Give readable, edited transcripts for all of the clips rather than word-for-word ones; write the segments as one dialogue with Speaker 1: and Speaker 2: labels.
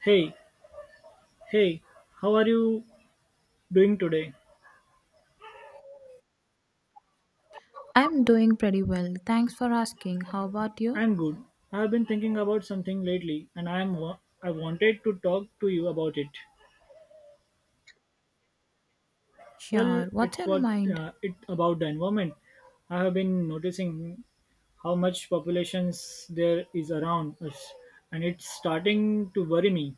Speaker 1: Hey, hey, how are you doing today?
Speaker 2: I'm doing pretty well. Thanks for asking. How about you?
Speaker 1: I'm good. I've been thinking about something lately and I wanted to talk to you about it. Well,
Speaker 2: Sure. What's on your mind?
Speaker 1: it about the environment. I have been noticing how much populations there is around us and it's starting to worry me.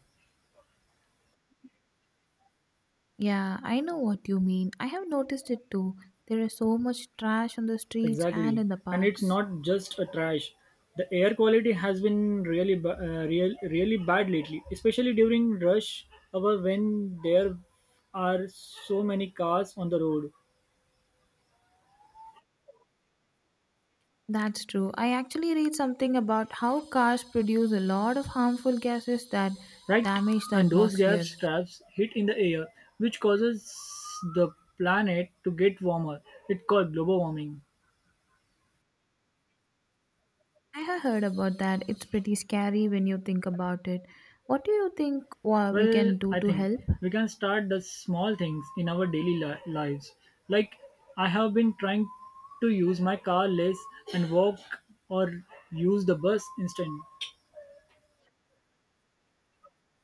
Speaker 2: Yeah, I know what you mean. I have noticed it too. There is so much trash on the streets and
Speaker 1: Exactly,
Speaker 2: in the
Speaker 1: and it's
Speaker 2: parks.
Speaker 1: not just a trash. The air quality has been really bad lately, especially during rush hour when there are so many cars on the road,
Speaker 2: That's true. I actually read something about how cars produce a lot of harmful gases that
Speaker 1: right?
Speaker 2: damage the
Speaker 1: And those
Speaker 2: atmosphere.
Speaker 1: gas traps hit in the air, which causes the planet to get warmer. It's called global warming.
Speaker 2: I have heard about that. It's pretty scary when you think about it. What do you think we
Speaker 1: Well,
Speaker 2: can do
Speaker 1: I
Speaker 2: to
Speaker 1: think
Speaker 2: help?
Speaker 1: we can start the small things in our daily lives. Like, I have been trying to use my car less and walk or use the bus instead.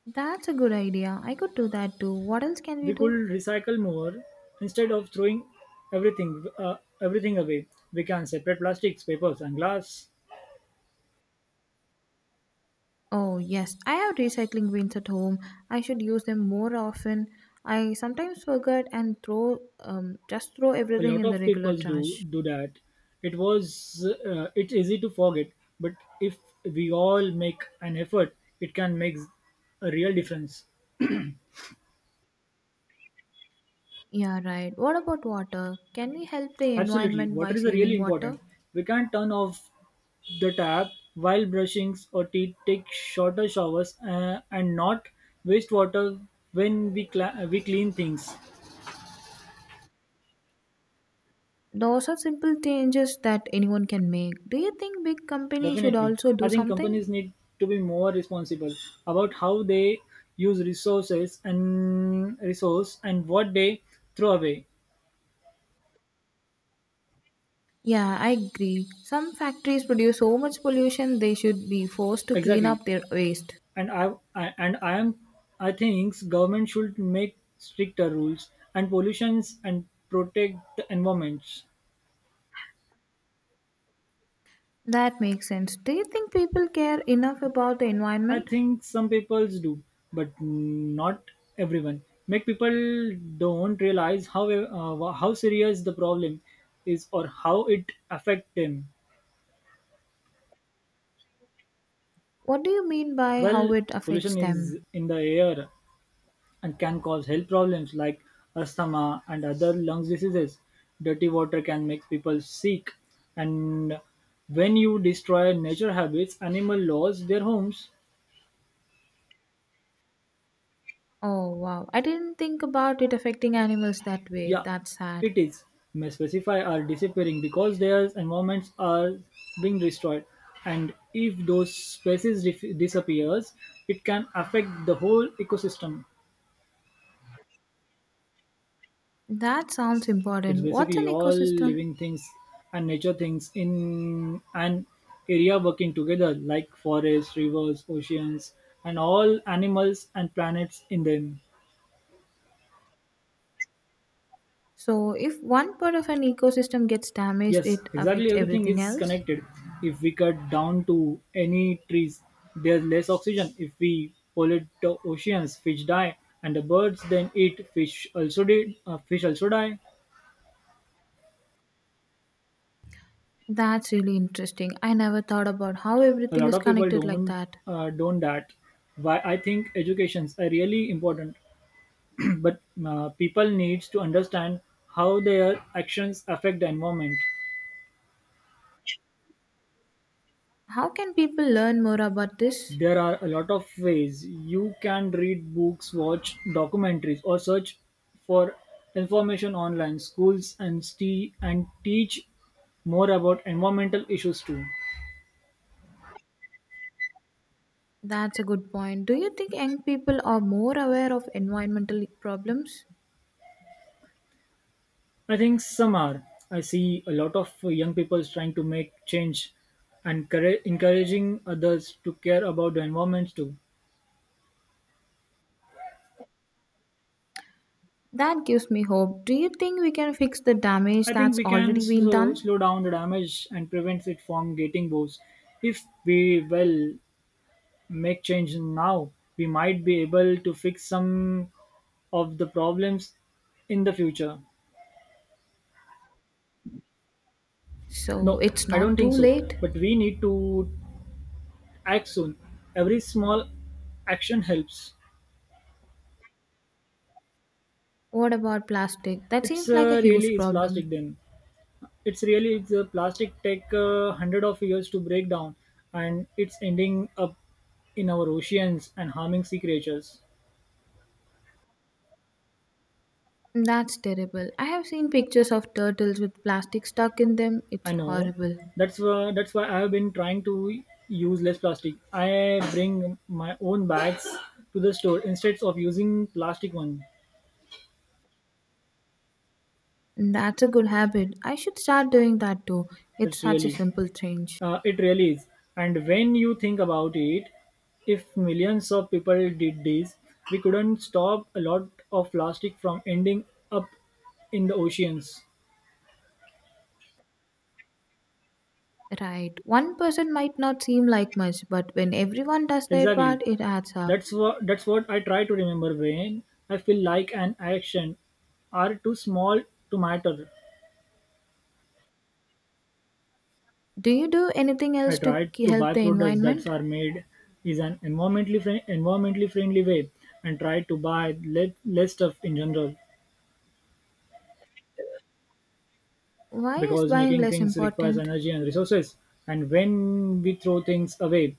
Speaker 2: That's a good idea. I could do that too. What else can
Speaker 1: We
Speaker 2: we
Speaker 1: could
Speaker 2: do?
Speaker 1: recycle more instead of throwing everything uh, everything away. We can separate plastics, papers, and glass.
Speaker 2: Oh, yes, I have recycling bins at home. I should use them more often. I sometimes forget and throw just throw
Speaker 1: A
Speaker 2: everything
Speaker 1: lot
Speaker 2: in the
Speaker 1: of
Speaker 2: regular
Speaker 1: people do
Speaker 2: trash.
Speaker 1: do that. It's easy to forget, but if we all make an effort, it can make a real difference.
Speaker 2: Yeah, right. What about water? Can we help the
Speaker 1: Absolutely.
Speaker 2: environment by
Speaker 1: Water is really
Speaker 2: saving water?
Speaker 1: important. We can't turn off the tap while brushing or teeth, take shorter showers, and not waste water when we clean things.
Speaker 2: Those are simple changes that anyone can make. Do you think big companies should
Speaker 1: Definitely.
Speaker 2: also
Speaker 1: I
Speaker 2: do
Speaker 1: think
Speaker 2: something?
Speaker 1: companies need to be more responsible about how they use resources and what they throw away.
Speaker 2: Yeah, I agree. Some factories produce so much pollution they should be forced to clean
Speaker 1: Exactly.
Speaker 2: up their waste.
Speaker 1: and I and I am I think government should make stricter rules and pollutions and protect the environments.
Speaker 2: That makes sense. Do you think people care enough about the
Speaker 1: I
Speaker 2: environment?
Speaker 1: think some people do, but not everyone. Make people don't realize how serious the problem is or how it affect them.
Speaker 2: What do you mean by
Speaker 1: Well,
Speaker 2: how it affects
Speaker 1: pollution is
Speaker 2: them?
Speaker 1: in the air and can cause health problems like asthma and other lung diseases. Dirty water can make people sick, and when you destroy nature habits, animal lose their homes.
Speaker 2: Oh wow, I didn't think about it affecting animals that way.
Speaker 1: Yeah,
Speaker 2: That's sad.
Speaker 1: it is. May specify are disappearing because their environments are being destroyed, and if those disappears, it can affect the whole ecosystem.
Speaker 2: That sounds
Speaker 1: It's
Speaker 2: important. What's
Speaker 1: basically
Speaker 2: an
Speaker 1: all
Speaker 2: ecosystem?
Speaker 1: living things and nature things in an area working together, like forests, rivers, oceans, and all animals and planets in them.
Speaker 2: So, if one part of an ecosystem gets damaged,
Speaker 1: Yes,
Speaker 2: it
Speaker 1: exactly
Speaker 2: affects
Speaker 1: everything
Speaker 2: everything
Speaker 1: is
Speaker 2: else?
Speaker 1: connected. If we cut down to any trees, there's less oxygen. If we pollute the oceans, fish die, and the birds then eat fish. Also, did fish also die?
Speaker 2: That's really interesting. I never thought about how
Speaker 1: A
Speaker 2: everything
Speaker 1: lot
Speaker 2: is
Speaker 1: of people
Speaker 2: connected like
Speaker 1: don't
Speaker 2: that.
Speaker 1: uh, don't that. Why I think educations are really important. But people needs to understand how their actions affect the environment.
Speaker 2: How can people learn more about this?
Speaker 1: There are a lot of ways you can read books, watch documentaries, or search for information online. Schools and teach more about environmental issues too.
Speaker 2: That's a good point. Do you think young people are more aware of environmental problems?
Speaker 1: I think some are. I see a lot of young people trying to make change and courage- encouraging others to care about the environment too.
Speaker 2: That gives me hope. Do you think we can fix the damage
Speaker 1: I think
Speaker 2: that's
Speaker 1: we can
Speaker 2: already been
Speaker 1: so
Speaker 2: done?
Speaker 1: slow down the damage and prevent it from getting worse. If we make change now, we might be able to fix some of the problems in the future.
Speaker 2: So
Speaker 1: No,
Speaker 2: it's
Speaker 1: I don't
Speaker 2: not
Speaker 1: think
Speaker 2: too
Speaker 1: so.
Speaker 2: late?
Speaker 1: But we need to act soon. Every small action helps.
Speaker 2: What about plastic? That
Speaker 1: It's
Speaker 2: seems like a huge
Speaker 1: really is plastic
Speaker 2: problem.
Speaker 1: then. It's a plastic take hundred of years to break down, and it's ending up in our oceans and harming sea creatures.
Speaker 2: That's terrible. I have seen pictures of turtles with plastic stuck in them. It's
Speaker 1: I know.
Speaker 2: horrible.
Speaker 1: That's why I've been trying to use less plastic. I bring my own bags to the store instead of using plastic one.
Speaker 2: That's a good habit. I should start doing that too. It's
Speaker 1: It's
Speaker 2: such a
Speaker 1: really,
Speaker 2: simple change.
Speaker 1: it really is. And when you think about it, if millions of people did this, we couldn't stop a lot of plastic from ending up in the oceans.
Speaker 2: Right. One person might not seem like much, but when everyone does their
Speaker 1: Exactly.
Speaker 2: part, it adds up.
Speaker 1: That's what I try to remember when I feel like an action are too small to matter.
Speaker 2: Do you do anything
Speaker 1: I
Speaker 2: else to
Speaker 1: tried to buy
Speaker 2: help the
Speaker 1: products that
Speaker 2: environment?
Speaker 1: are made is an environmentally friend, environmentally friendly way and try to buy less stuff in general,
Speaker 2: Why is
Speaker 1: because
Speaker 2: buying
Speaker 1: making
Speaker 2: less
Speaker 1: things requires
Speaker 2: important?
Speaker 1: energy and resources, and when we throw things away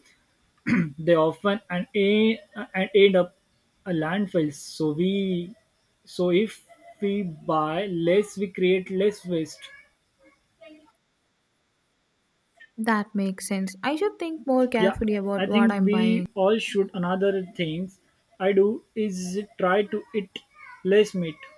Speaker 1: they and end up a landfill, so we so if we buy less we create less waste.
Speaker 2: That makes sense. I should think more carefully
Speaker 1: Yeah, I
Speaker 2: about what
Speaker 1: think
Speaker 2: I'm
Speaker 1: we
Speaker 2: buying.
Speaker 1: all should. Another things I do is try to eat less meat.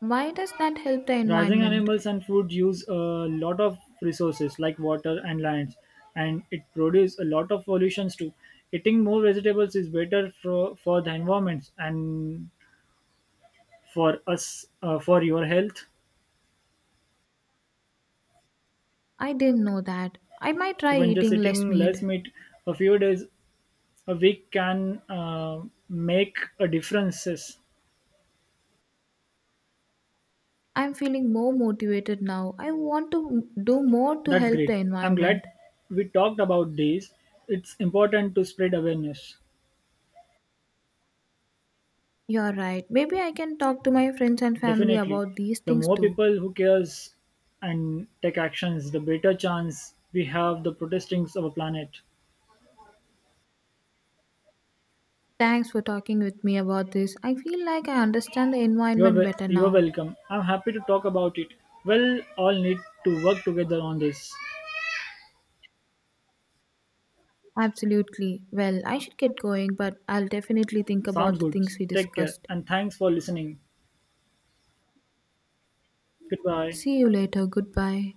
Speaker 2: Why does that help the
Speaker 1: Raising
Speaker 2: environment?
Speaker 1: animals and food use a lot of resources like water and lands, and it produces a lot of pollutions too. Eating more vegetables is better for the environment and for your health.
Speaker 2: I didn't know that. I might try
Speaker 1: Even just
Speaker 2: eating less
Speaker 1: eating
Speaker 2: meat.
Speaker 1: less meat a few days a week can make a differences.
Speaker 2: I'm feeling more motivated now. I want to do more to
Speaker 1: That's
Speaker 2: help
Speaker 1: great.
Speaker 2: the
Speaker 1: I'm glad
Speaker 2: environment.
Speaker 1: we talked about this. It's important to spread awareness.
Speaker 2: You're right. Maybe I can talk to my friends and family
Speaker 1: Definitely.
Speaker 2: about these
Speaker 1: The
Speaker 2: things
Speaker 1: more
Speaker 2: too.
Speaker 1: people who cares and take actions, the better chance we have the protesting of our planet.
Speaker 2: Thanks for talking with me about this. I feel like I understand the environment better
Speaker 1: You're
Speaker 2: now.
Speaker 1: welcome. I'm happy to talk about it. We'll all need to work together on this.
Speaker 2: Absolutely. Well, I should get going, but I'll definitely think
Speaker 1: Sounds
Speaker 2: about the
Speaker 1: good.
Speaker 2: things we
Speaker 1: Take care
Speaker 2: discussed.
Speaker 1: and thanks for listening. Goodbye.
Speaker 2: See you later. Goodbye.